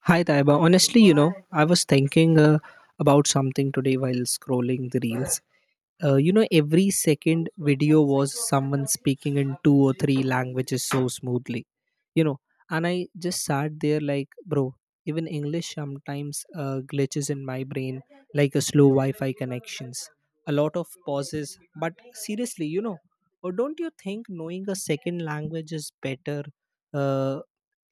Hi, Taiba. Honestly, I was thinking about something today while scrolling the reels. Every second video was someone speaking in two or three languages so smoothly, you know, and I just sat there like, bro, even English sometimes glitches in my brain like a slow Wi Fi connections. A lot of pauses, but seriously, or don't you think knowing a second language is better? Uh,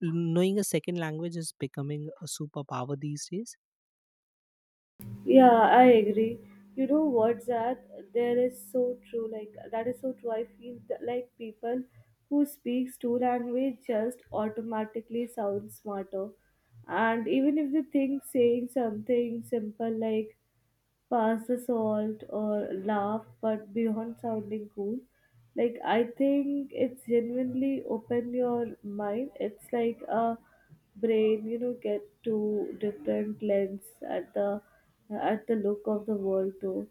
Knowing a second language is becoming a superpower these days. Yeah, I agree. You know what's that? There is so true. Like that is so true. I feel that, like people who speaks two language just automatically sound smarter, and even if they think saying something simple like pass the salt or laugh, but beyond sounding cool, like I think it's genuinely open your mind. It's like a brain, get two different lens at the at the look of the world too.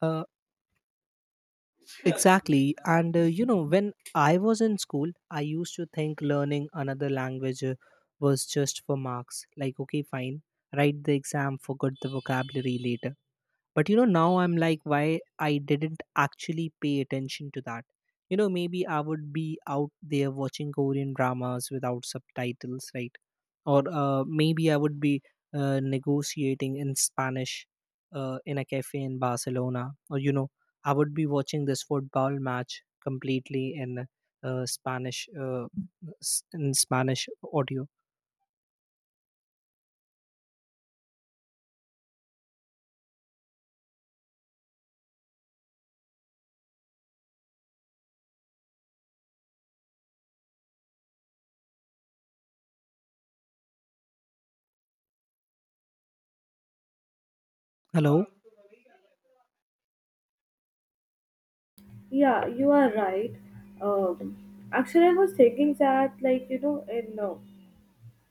Uh, exactly. And when I was in school, I used to think learning another language was just for marks. Like, okay, fine, write the exam, forget the vocabulary later. But you know, now I'm like, why I didn't actually pay attention to that. You know, maybe I would be out there watching Korean dramas without subtitles, right? Or maybe I would be negotiating in Spanish in a cafe in Barcelona. Or, you know, I would be watching this football match completely in Spanish, in Spanish audio. Hello? Yeah, you are right. um Actually, I was thinking that, like, in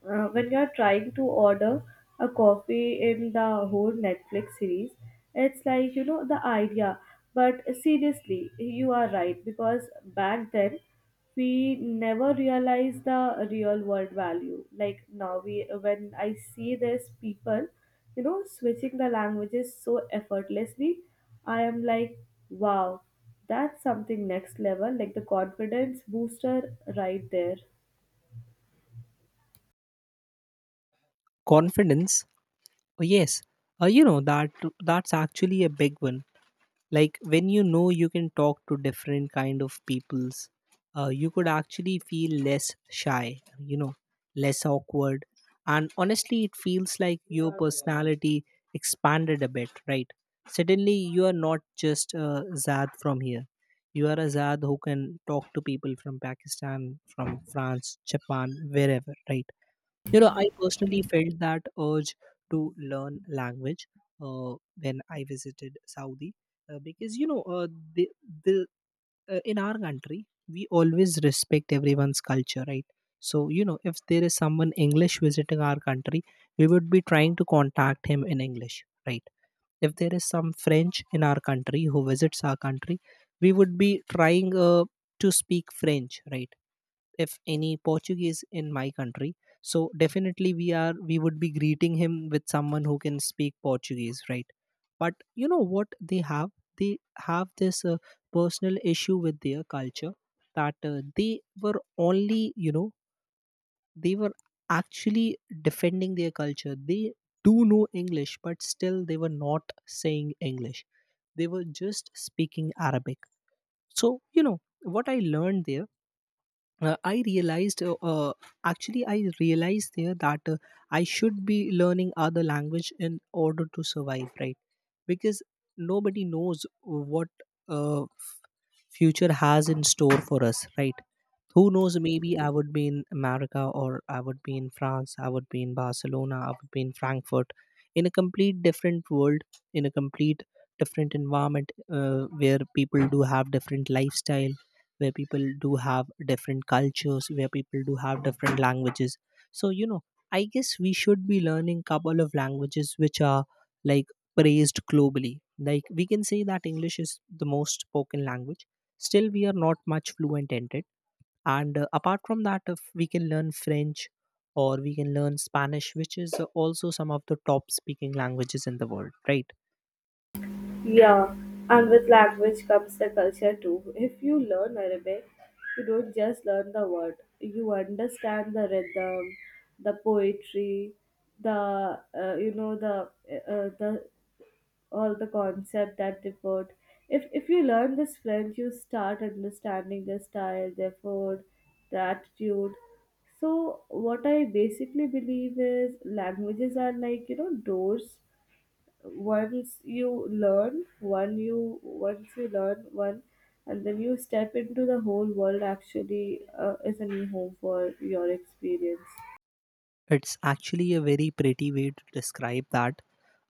when you're trying to order a coffee in the whole Netflix series, it's like, the idea. But seriously, you are right because back then we never realized the real world value. Like now, we when I see this people, switching the languages so effortlessly, I am like, wow, that's something next level. Like the confidence booster right there. Confidence? Oh, yes. That that's actually a big one, like when you know you can talk to different kind of peoples, you could actually feel less shy, you know, less awkward, and honestly it feels like your personality expanded a bit, right? Suddenly you are not just a zad from here, you are a zad who can talk to people from Pakistan, from France, Japan, wherever, right? You know, I personally felt that urge to learn language uh, when I visited Saudi, because you know, the, the in our country we always respect everyone's culture, right? So you know, if there is someone English visiting our country, we would be trying to contact him in English, right? If there is some French in our country who visits our country, we would be trying to speak French, right? If any Portuguese in my country, so definitely we are we would be greeting him with someone who can speak Portuguese, right? But you know what they have, they have this personal issue with their culture, that they were only, you know, they were actually defending their culture. They do know English, but still they were not saying English. They were just speaking Arabic. So, you know, what I learned there, I realized, actually, I realized there that I should be learning other language in order to survive, right? Because nobody knows what. Uh, future has in store for us, right? Who knows, maybe I would be in America, or I would be in France, I would be in Barcelona, I would be in Frankfurt, in a complete different world, in a complete different environment, where people do have different lifestyle, where people do have different cultures, where people do have different languages. So you know, I guess we should be learning couple of languages which are, like, praised globally. Like, we can say that English is the most spoken language. Still, we are not much fluent in it. And apart from that, if we can learn French or we can learn Spanish, which is also some of the top speaking languages in the world, right? Yeah, and with language comes the culture too. If you learn Arabic, you don't just learn the word, you understand the rhythm, the poetry, the you know the all the concept that they put. If you learn this French, you start understanding their style, their food, their attitude. So what I basically believe is languages are like, doors. Once you learn one, and then you step into the whole world. Actually, is a new home for your experience. It's actually a very pretty way to describe that.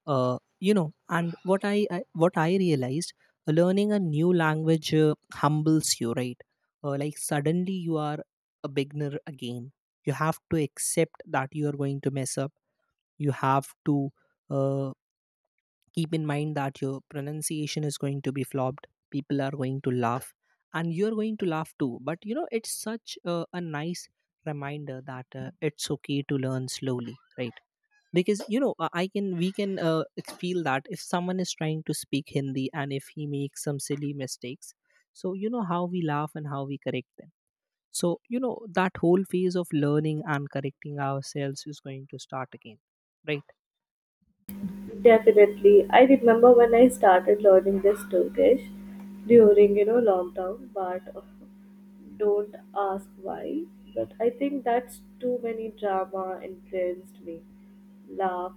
Uh, you know and what I what I realized, learning a new language humbles you, right? Like suddenly you are a beginner again, you have to accept that you are going to mess up, you have to uh, keep in mind that your pronunciation is going to be flopped, people are going to laugh and you're going to laugh too. But you know, it's such a nice reminder that it's okay to learn slowly, right? Because you know, I can we can feel that if someone is trying to speak Hindi and if he makes some silly mistakes, so you know how we laugh and how we correct them. So you know, that whole phase of learning and correcting ourselves is going to start again. Definitely. I remember when I started learning this Turkish during, lockdown, but don't ask why. But I think that's too many drama influenced me. Laugh.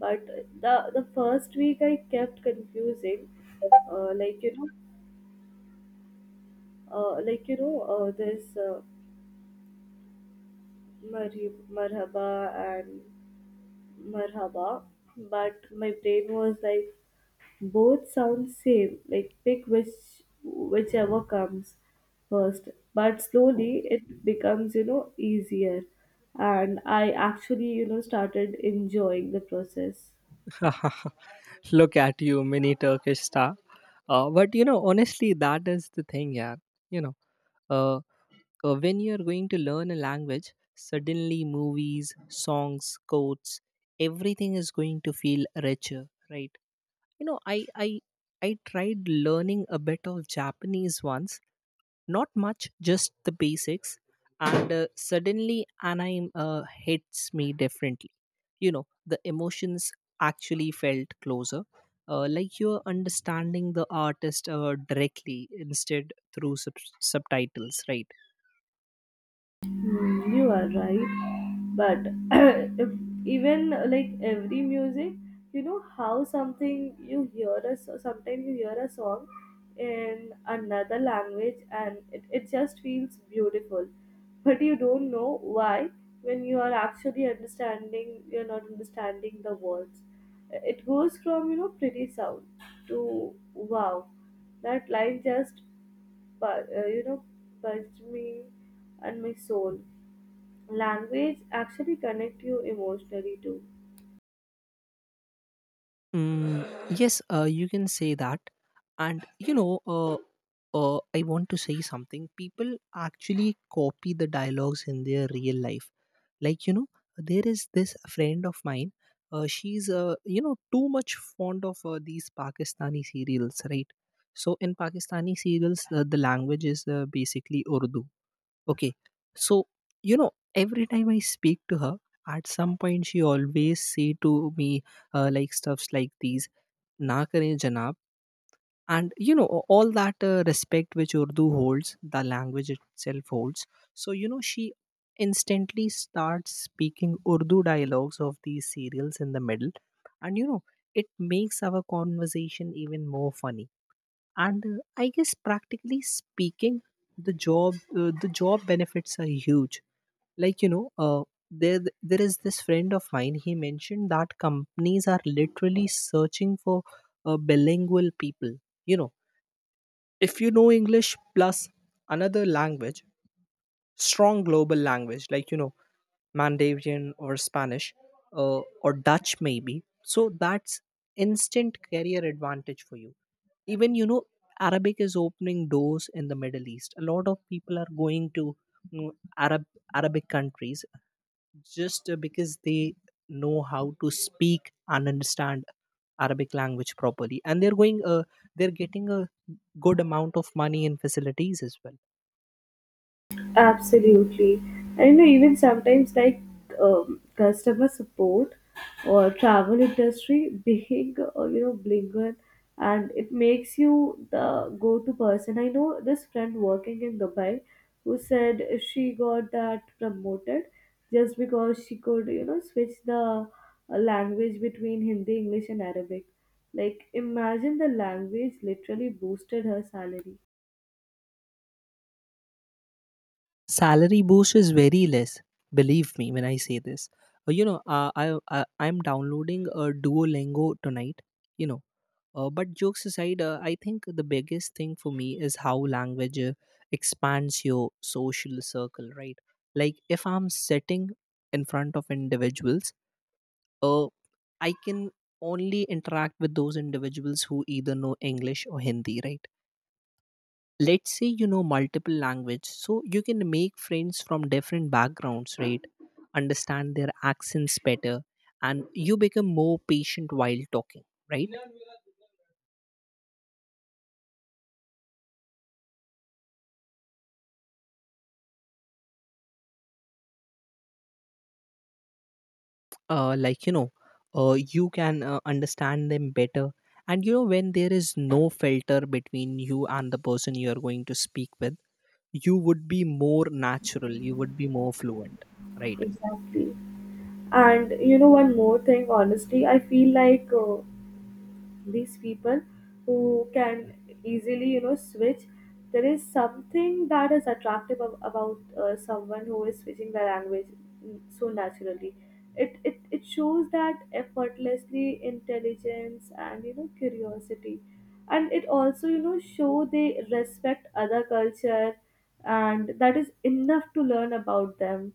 But the first week I kept confusing, like like there's marhaba and marhaba, but my brain was like, both sound same. Like pick whichever comes first. But slowly it becomes, easier, and I actually, started enjoying the process. Right. Look at you, mini Turkish star. But you know, honestly, that is the thing, yeah. You know, uh, when you're going to learn a language, suddenly movies, songs, quotes, everything is going to feel richer, right? You know, I I tried learning a bit of Japanese once, not much, just the basics. And suddenly anime hits me differently, you know, the emotions actually felt closer, like you're understanding the artist directly instead through subtitles, right? Mm, you are right. But if even like every music, you know how something you hear a so- sometimes you hear a song in another language, and it just feels beautiful. But you don't know why. When you are actually understanding, you're not understanding the words. It goes from, pretty sound to wow. That line just, but purged me and my soul. Language actually connect you emotionally too. Mm, yes, you can say that. And I want to say something. People actually copy the dialogues in their real life. Like you know, there is this friend of mine. She's too much fond of these Pakistani serials, right? So in Pakistani serials, the language is basically Urdu. Okay. So, you know, every time I speak to her, at some point she always say to me like stuffs like these, na kare janab. And, you know, all that respect which Urdu holds, the language itself holds. So, you know, she instantly starts speaking Urdu dialogues of these serials in the middle. And, you know, it makes our conversation even more funny. And I guess practically speaking, the job benefits are huge, like you know, there is this friend of mine, he mentioned that companies are literally searching for bilingual people. You know, if you know English plus another language, strong global language, like you know, Mandarin or Spanish, or Dutch maybe, so that's instant career advantage for you. Even you know, Arabic is opening doors in the Middle East, a lot of people are going to, you know, arab Arabic countries, just because they know how to speak and understand Arabic language properly, and they're going they're getting a good amount of money in facilities as well. Absolutely. And you know, even sometimes like customer support or travel industry, being blinker, and it makes you the go-to person. I know this friend working in Dubai who said she got that promoted just because she could, switch the language between Hindi, English, and Arabic. Like, imagine the language literally boosted her salary. Salary boost is very less, believe me when I say this. Uh, you know uh, I, I I'm downloading a Duolingo tonight, you know. But jokes aside, I think the biggest thing for me is how language expands your social circle, right? Like if I'm sitting in front of individuals, uh, I can only interact with those individuals who either know English or Hindi, right? Let's say you know multiple language, so you can make friends from different backgrounds, right? Understand their accents better, and you become more patient while talking, right? Uh, like you know, you can understand them better, and you know, when there is no filter between you and the person you are going to speak with, you would be more natural, you would be more fluent, right? Exactly. And you know, one more thing, honestly, I feel like these people who can easily, switch, there is something that is about someone who is switching their language, so naturally. It shows that effortlessly intelligence, and you know curiosity, and it also, you know, show they respect other culture, and that is enough to learn about them.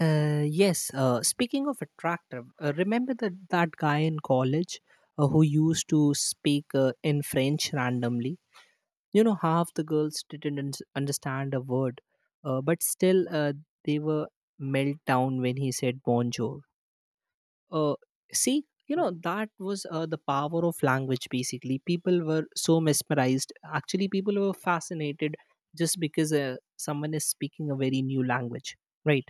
Yes, speaking of attractive, remember that guy in college who used to speak in French randomly? You know, half the girls didn't understand a word, but still they were meltdown down when he said bonjour. Uh, See, you know, that was the power of language basically. People were so mesmerized. Actually, people were fascinated just because someone is speaking a very new language, right?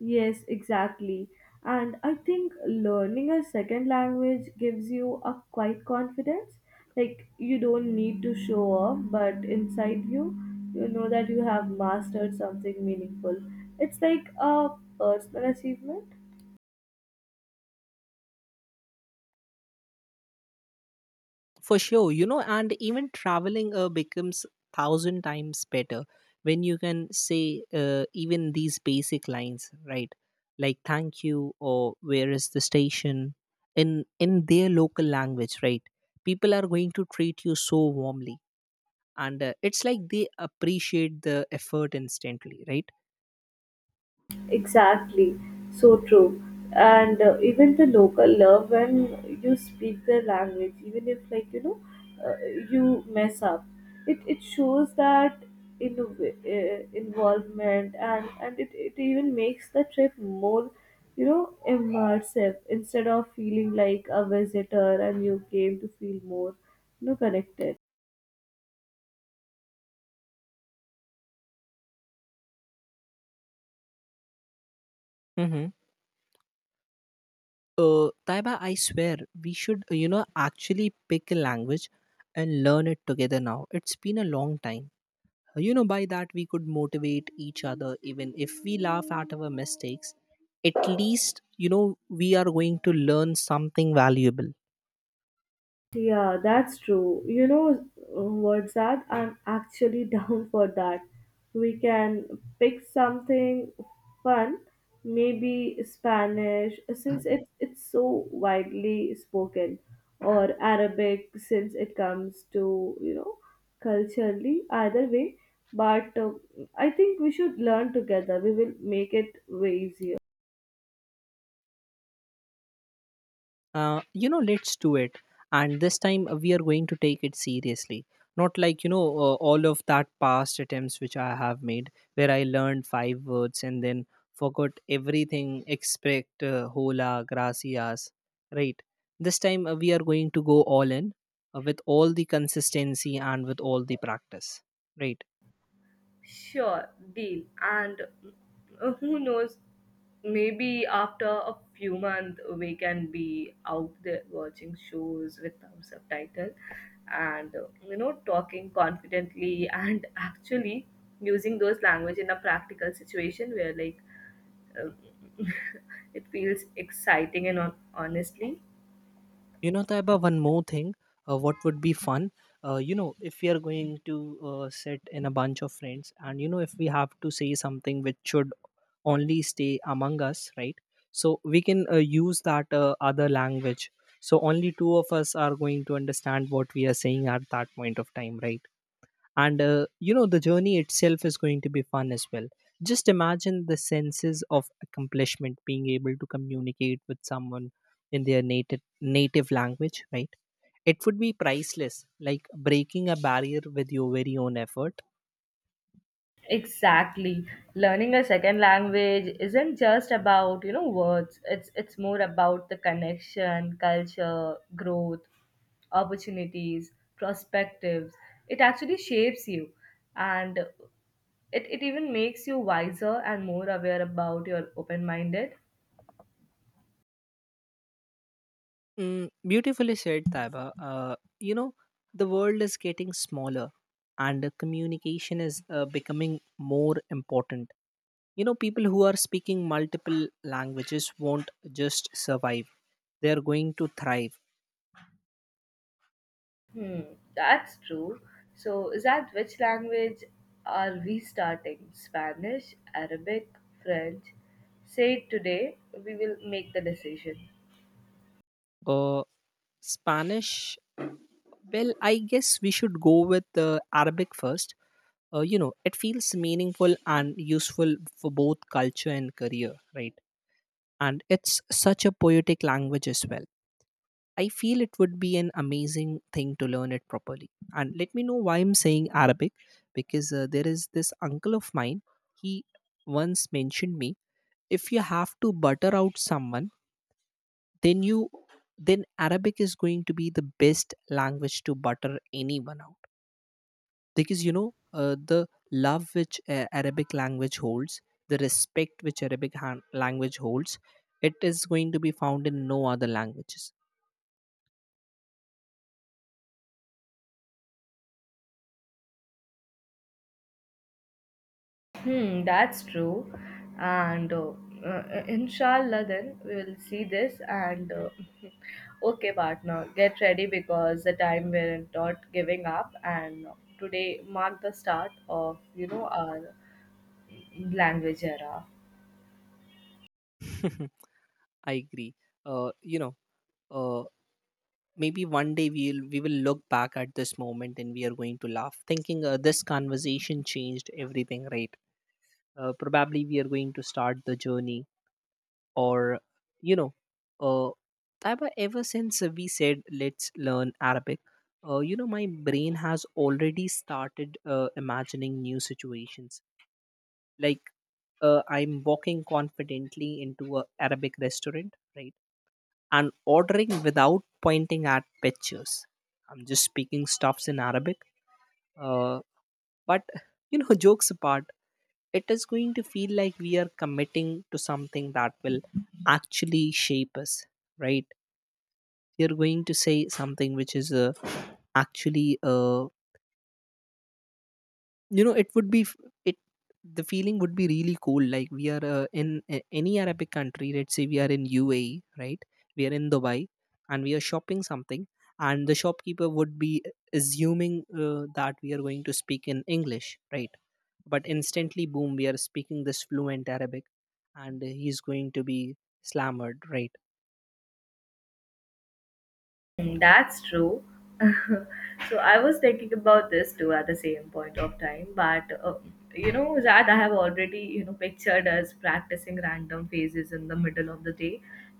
Yes, exactly. And I think learning a second language gives you a quite confidence. Like you don't need to show off, but inside you, you know that you have mastered something meaningful. It's like a personal achievement. For sure, you know, and even traveling becomes thousand times better when you can say even these basic lines, right? Like thank you or where is the station in their local language, right? People are going to treat you so warmly, and it's like they appreciate the effort instantly, right? Exactly, so true. And even the local love when you speak their language, even if, like, uh, you mess up, it shows that in involvement, and it even makes the trip more, immersive instead of feeling like a visitor, and you came to feel more, connected. Hmm. Taiba, I swear, we should, you know, actually pick a language and learn it together now. It's been a long time. You know, by that we could motivate each other, even if we laugh at our mistakes. At least, you know, we are going to learn something valuable. Yeah, that's true. You know what's that? I'm actually down for that. We can pick something fun, maybe Spanish since it's so widely spoken, or Arabic since it comes to, culturally, either way. But I think we should learn together. We will make it way easier. You know, let's do it. And this time we are going to take it seriously, not like you know, all of that past attempts which I have made, where I learned 5 words and then forgot everything except hola gracias, right? This time we are going to go all in, with all the consistency and with all the practice, right? Sure, deal. And who knows, maybe after a few months we can be out there watching shows without subtitles and talking confidently, and actually using those language in a practical situation where, like, uh, it feels exciting and honestly. You know, Taiba, one more thing. What would be fun? You know, if we are going to sit in a bunch of friends, and you know, if we have to say something which should only stay among us, right? So we can use that other language. So only two of us are going to understand what we are saying at that point of time, right? And you know, the journey itself is going to be fun as well. Just imagine the senses of accomplishment being able to communicate with someone in their native language, right? It would be priceless, like breaking a barrier with your very own effort. Exactly. Learning a second language isn't just about, words. It's more about the connection, culture, growth, opportunities, perspectives. It actually shapes you, and it even makes you wiser and more aware about your open minded. mm, Beautifully said, Taiba. You know, the world is getting smaller, and the communication is becoming more important. You know, people who are speaking multiple languages won't just survive, they are going to thrive. Hmm, that's true. So is that which language are we starting? Spanish, Arabic, French? Say it today, we will make the decision. Uh, Spanish, well, I guess we should go with Arabic first. You know, it feels meaningful and useful for both culture and career, right? And it's such a poetic language as well. I feel it would be an amazing thing to learn it properly. And let me know why I'm saying Arabic, because there is this uncle of mine. He once mentioned me, if you have to butter out someone, then you then Arabic is going to be the best language to butter anyone out. Because, you know, the love which Arabic language holds, the respect which language holds, it is going to be found in no other languages. Hmm, that's true. And inshallah, then we will see this. And okay, partner, get ready because the time we're not giving up. And today mark the start of, our language era. I agree. You know, uh, maybe one day we will look back at this moment and we are going to laugh thinking this conversation changed everything, right? Probably we are going to start the journey, or you know. uh, Taiba, ever since we said let's learn Arabic, you know, my brain has already started imagining new situations. Like, I'm walking confidently into a Arabic restaurant, right, and ordering without pointing at pictures. I'm just speaking stuffs in Arabic. Uh, but you know, jokes apart, it is going to feel like we are committing to something that will actually shape us, right? You're going to say something which is actually you know, it would be f- it the feeling would be really cool, like we are any Arabic country. Let's say we are in UAE, right? We are in Dubai and we are shopping something, and the shopkeeper would be assuming that we are going to speak in English, right? But instantly, boom, we are speaking this fluent Arabic, and he's going to be slammered, right? Mm, that's true. So I was thinking about this too at the same point of time, but you know, Zad, I have already, pictured us practicing random phases in the middle of the day.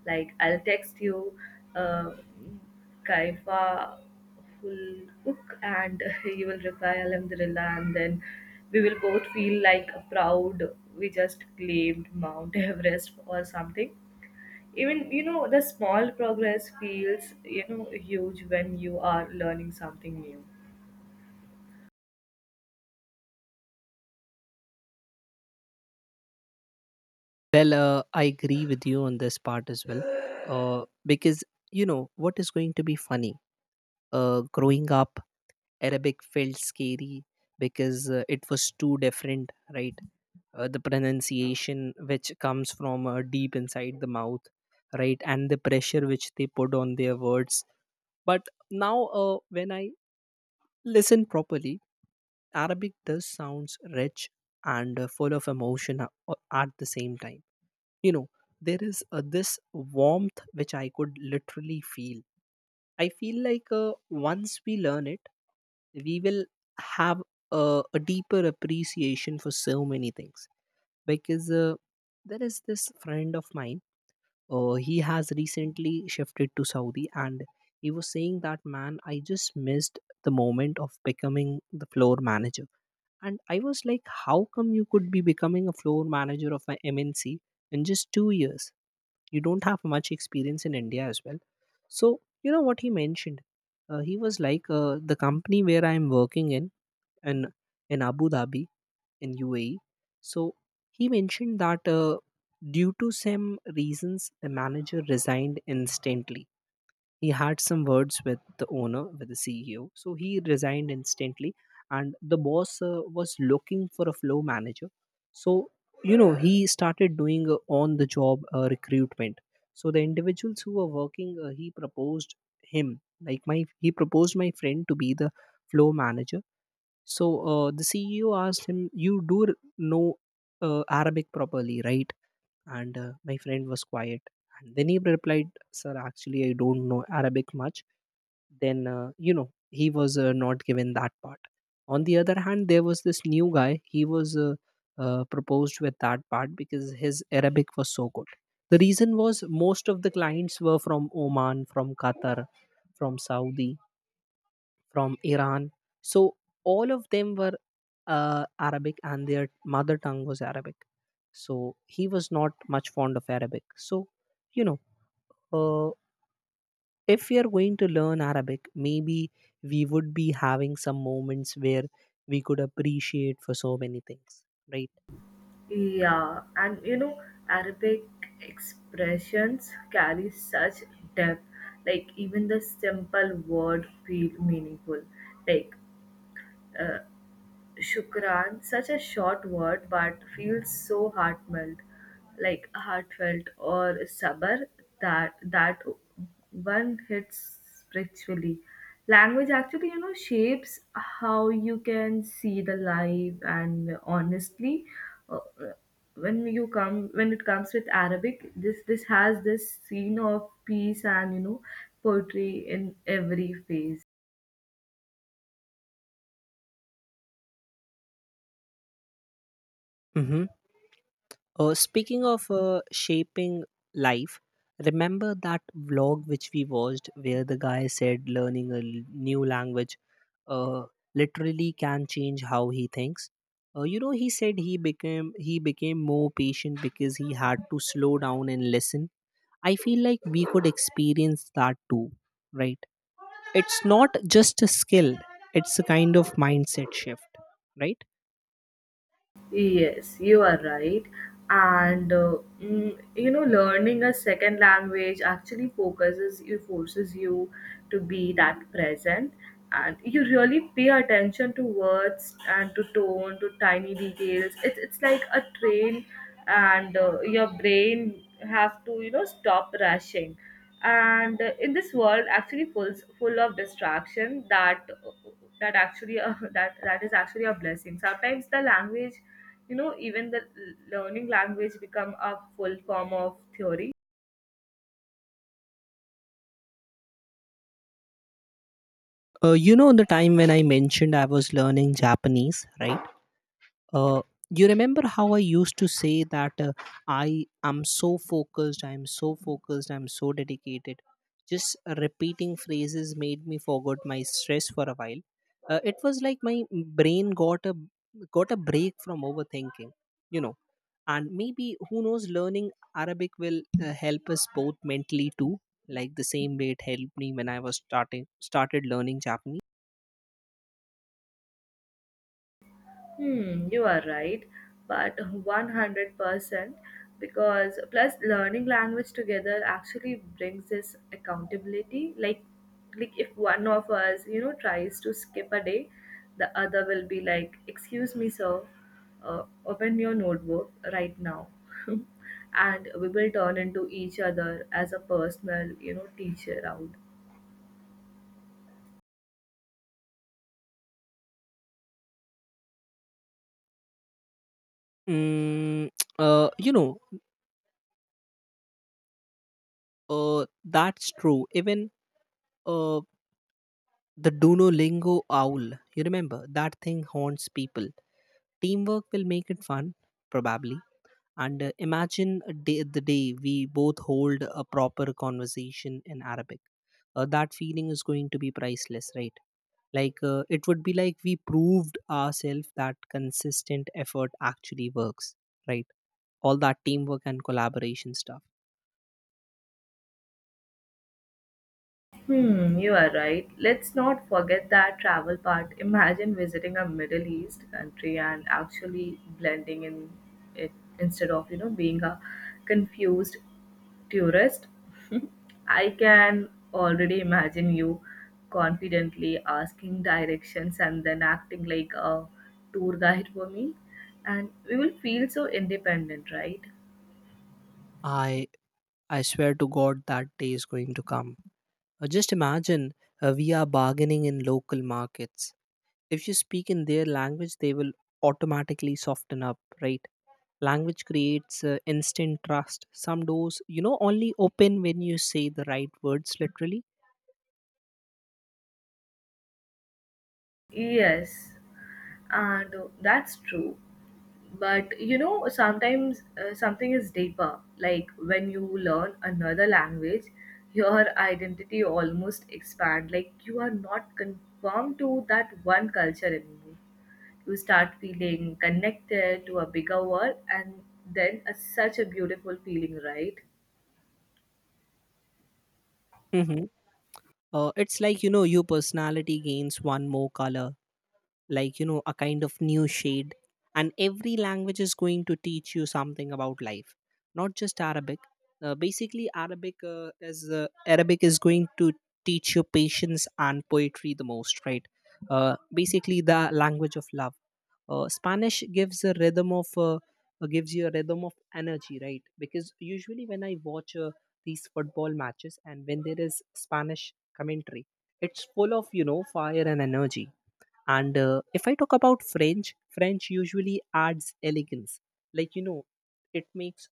Like, I'll text you, uh, Kaifa will cook, and you will reply Alhamdulillah, and then we will both feel like proud we just claimed Mount Everest or something. Even, the small progress feels, huge when you are learning something new. Well, I agree with you on this part as well. Because, you know, what is going to be funny? Growing up, Arabic felt scary because it was too different, right? The pronunciation which comes from deep inside the mouth, right? And the pressure which they put on their words. But now, when I listen properly, Arabic does sounds rich and full of emotion at the same time. You know, there is this warmth which I could literally feel. I feel like, once we learn it, we will have a deeper appreciation for so many things. Because there is this friend of mine. He has recently shifted to Saudi, and he was saying that, man, I just missed the moment of becoming the floor manager. And I was like, how come you could be becoming a floor manager of an MNC in just 2 years? You don't have much experience in India as well. So, you know what he mentioned? He was like, the company where I am working in, in in Abu Dhabi, in UAE. So he mentioned that, due to some reasons, the manager resigned instantly. He had some words with the owner, with the CEO. So he resigned instantly, and the boss was looking for a flow manager. So, you know, he started doing on-the-job recruitment. So the individuals who were working, he proposed him, like my he proposed my friend to be the flow manager. So, the CEO asked him, "You know Arabic properly, right?" And my friend was quiet, and then he replied, sir, actually I don't know Arabic much. Then, you know, he was not given that part. On the other hand, there was this new guy. He was proposed with that part because his Arabic was so good. The reason was, most of the clients were from Oman, from Qatar, from Saudi, from Iran. So all of them were Arabic, and their mother tongue was Arabic. So he was not much fond of Arabic. So, you know, uh, if we are going to learn Arabic, maybe we would be having some moments where we could appreciate for so many things, right? Yeah, and you know, Arabic expressions carry such depth. Like even the simple word feel meaningful. Like Shukran, such a short word but feels so heartfelt, like heartfelt or sabar, that one hits spiritually. Language actually, you know, shapes how you can see the life, and honestly, uh, when it comes with Arabic, this has this scene of peace, and you know, poetry in every phase. Mm-hmm. Speaking of shaping life, remember that vlog which we watched, where the guy said, learning a new language uh, literally can change how he thinks. You know, he said he became more patient because he had to slow down and listen. I feel like we could experience that too, right? It's not just a skill; it's a kind of mindset shift, right? Yes, you are right. And you know, learning a second language actually forces you to be that present, and you really pay attention to words and to tone, to tiny details. It's like a train, and your brain have to, stop rushing, and in this world actually full of distraction that actually that is actually a blessing. Sometimes the language, even the learning language become a full form of theory. You know, the time when I mentioned I was learning Japanese, right? uh, you remember how I used to say that I am so focused, I am so focused, I am so dedicated. Just repeating phrases made me forget my stress for a while. It was like my brain got a break from overthinking, you know. And maybe, who knows, learning Arabic will help us both mentally too. Like the same way it helped me when I was starting started learning Japanese. Hmm, you are right, but 100% because plus learning language together actually brings this accountability. Like, if one of us, tries to skip a day, the other will be like, "Excuse me, sir, uh, open your notebook right now," and we will turn into each other as a personal, teacher out. Mm, uh, you know, that's true. Even Uh, the Duolingo owl. You remember that thing haunts people. Teamwork will make it fun, probably. And imagine a day, the day we both hold a proper conversation in Arabic. That feeling is going to be priceless, right? Like, it would be like we proved ourselves that consistent effort actually works, right? All that teamwork and collaboration stuff. Hmm, you are right. Let's not forget that travel part. Imagine visiting a Middle East country and actually blending in it instead of, being a confused tourist. I can already imagine you confidently asking directions and then acting like a tour guide for me. And we will feel so independent, right? I I swear to God, that day is going to come. Just imagine, we are bargaining in local markets. If you speak in their language, they will automatically soften up, right? Language creates instant trust. Some doors, you know, only open when you say the right words, literally. Yes. And that's true, but you know sometimes something is deeper. Like when you learn another language, your identity almost expand, like you are not conformed to that one culture anymore. You start feeling connected to a bigger world, and then a, such a beautiful feeling, right? Hmm. It's like, you know, your personality gains one more color. Like, you know, a kind of new shade. And every language is going to teach you something about life, not just Arabic. Basically, Arabic is going to teach you patience and poetry the most, right? Basically, the language of love. Spanish gives a rhythm of gives you a rhythm of energy, right? Because usually when I watch, these football matches, and when there is Spanish commentary, it's full of, you know, fire and energy. And if I talk about French, French usually adds elegance. Like, you know, it makes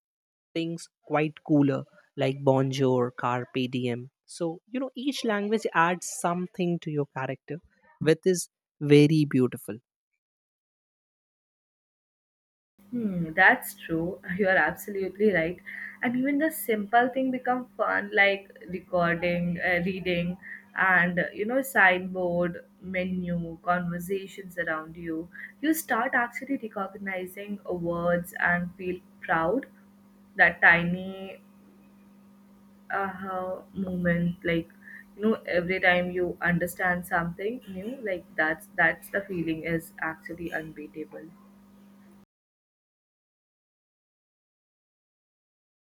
things quite cooler, like bonjour, carpe diem. So, you know, each language adds something to your character, which is very beautiful. Hmm, that's true. You are absolutely right. And even the simple thing become fun, like recording, reading, and you know, signboard, menu, conversations around you. You start actually recognizing words and feel proud. That tiny aha moment, like, every time you understand something new, like that's the feeling is actually unbeatable.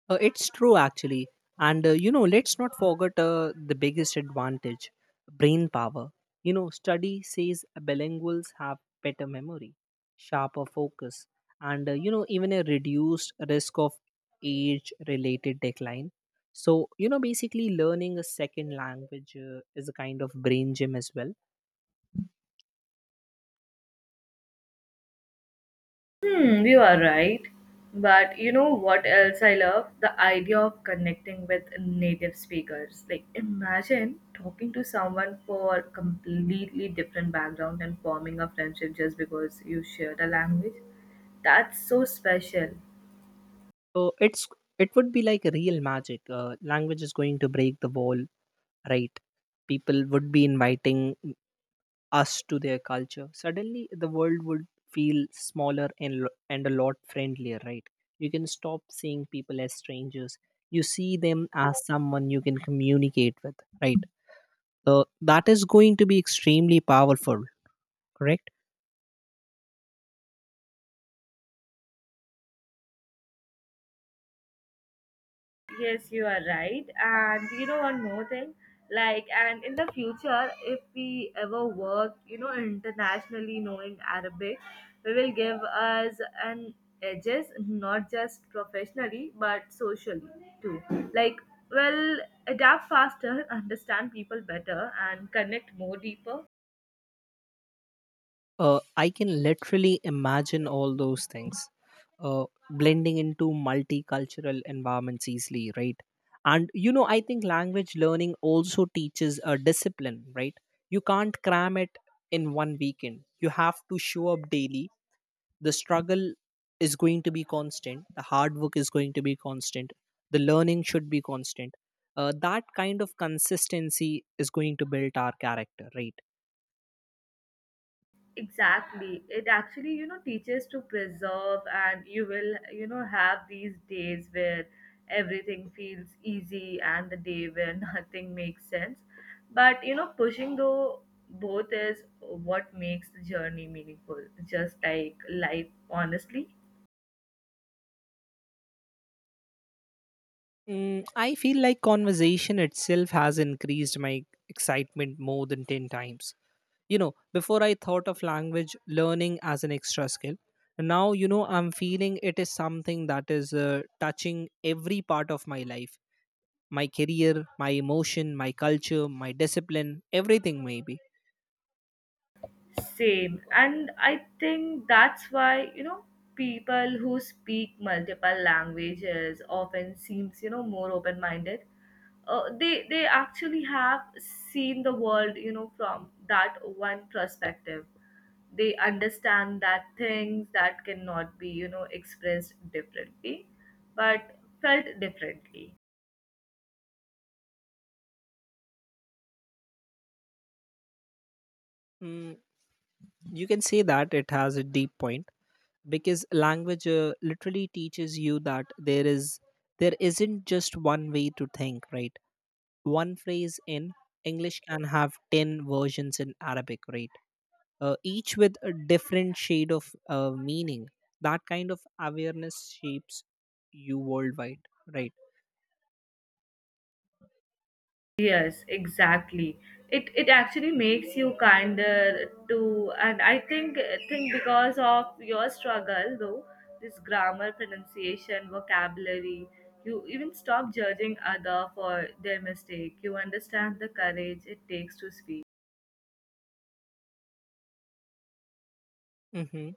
It's true, actually. And you know, let's not forget the biggest advantage, brain power. You know, study says bilinguals have better memory, sharper focus, and you know, even a reduced risk of age related decline. So, you know, basically learning a second language is a kind of brain gym as well. Hmm, you are right. But you know what else I love? The idea of connecting with native speakers. Like, imagine talking to someone for completely different background and forming a friendship just because you share the language. That's so special. So, it would be like real magic. Language is going to break the wall, right? People would be inviting us to their culture, suddenly the world would feel smaller and, and a lot friendlier, right? You can stop seeing people as strangers. You see them as someone you can communicate with, right? So that is going to be extremely powerful, correct? Yes, you are right. And you know one more thing, like and in the future, if we ever work, internationally knowing Arabic, we will give us an edges not just professionally but socially too. Like, well, adapt faster, understand people better, and connect more deeper. I can literally imagine all those things, uh, blending into multicultural environments easily, right? And you know, I think language learning also teaches a discipline, right? You can't cram it in one weekend. You have to show up daily. The struggle is going to be constant. The hard work is going to be constant. The learning should be constant. That kind of consistency is going to build our character, right? Exactly, it actually, teaches to preserve, and you will, have these days where everything feels easy and the day where nothing makes sense, but you know pushing though both is what makes the journey meaningful, just like life honestly. Mm, I feel like conversation itself has increased my excitement more than 10 times. You know, before I thought of language learning as an extra skill. Now, you know, I'm feeling it is something that is touching every part of my life, my career, my emotion, my culture, my discipline, everything, maybe. Same. And I think that's why, people who speak multiple languages often seems, more open-minded. They actually have seen the world, from that one perspective. They understand that things that cannot be, expressed differently, but felt differently. Mm, you can say that it has a deep point, because language literally teaches you that there isn't just one way to think, right? One phrase in English can have 10 versions in Arabic, right? Each with a different shade of meaning. That kind of awareness shapes you worldwide, right? Yes, exactly. It actually makes you kinder too, and I think because of your struggle though, this grammar, pronunciation, vocabulary, you even stop judging other for their mistake. You understand the courage it takes to speak. Mm-hmm.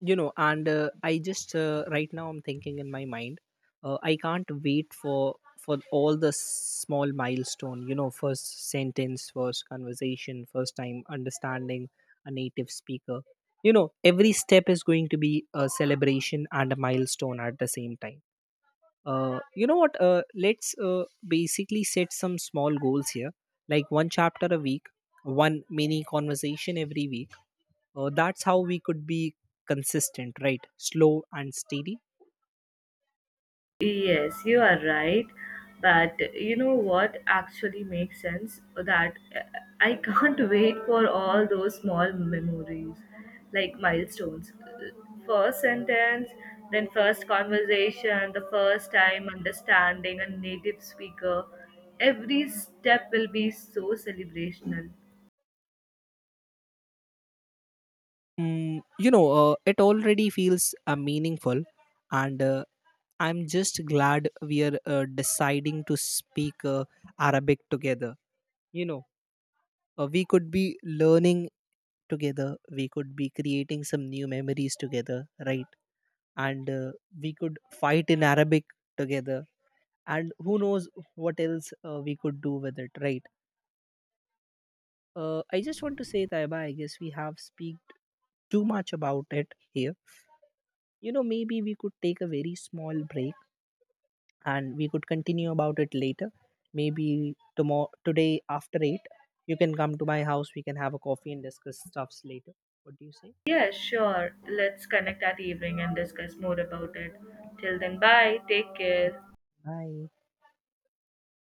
You know, and I just right now I'm thinking in my mind, I can't wait for all the small milestone. You know, first sentence, first conversation, first time understanding a native speaker. You know, every step is going to be a celebration and a milestone at the same time. You know what, let's basically set some small goals here. Like one chapter a week, one mini conversation every week. That's how we could be consistent, right? Slow and steady. Yes, you are right. But you know what actually makes sense? That I can't wait for all those small memories, like milestones. First sentence, then first conversation, the first time understanding a native speaker. Every step will be so celebrational. Mm, you know, it already feels meaningful, and I'm just glad we are deciding to speak Arabic together. You know, we could be learning together, we could be creating some new memories together, right? And we could fight in Arabic together, and who knows what else we could do with it, right? I just want to say, Taiba, I guess we have speak too much about it here. You know, maybe we could take a very small break and we could continue about it later. Maybe tomorrow, today after 8, you can come to my house. We can have a coffee and discuss stuffs later. What do you say? Yeah, sure. Let's connect at evening and discuss more about it. Till then, bye. Take Okay, care. bye.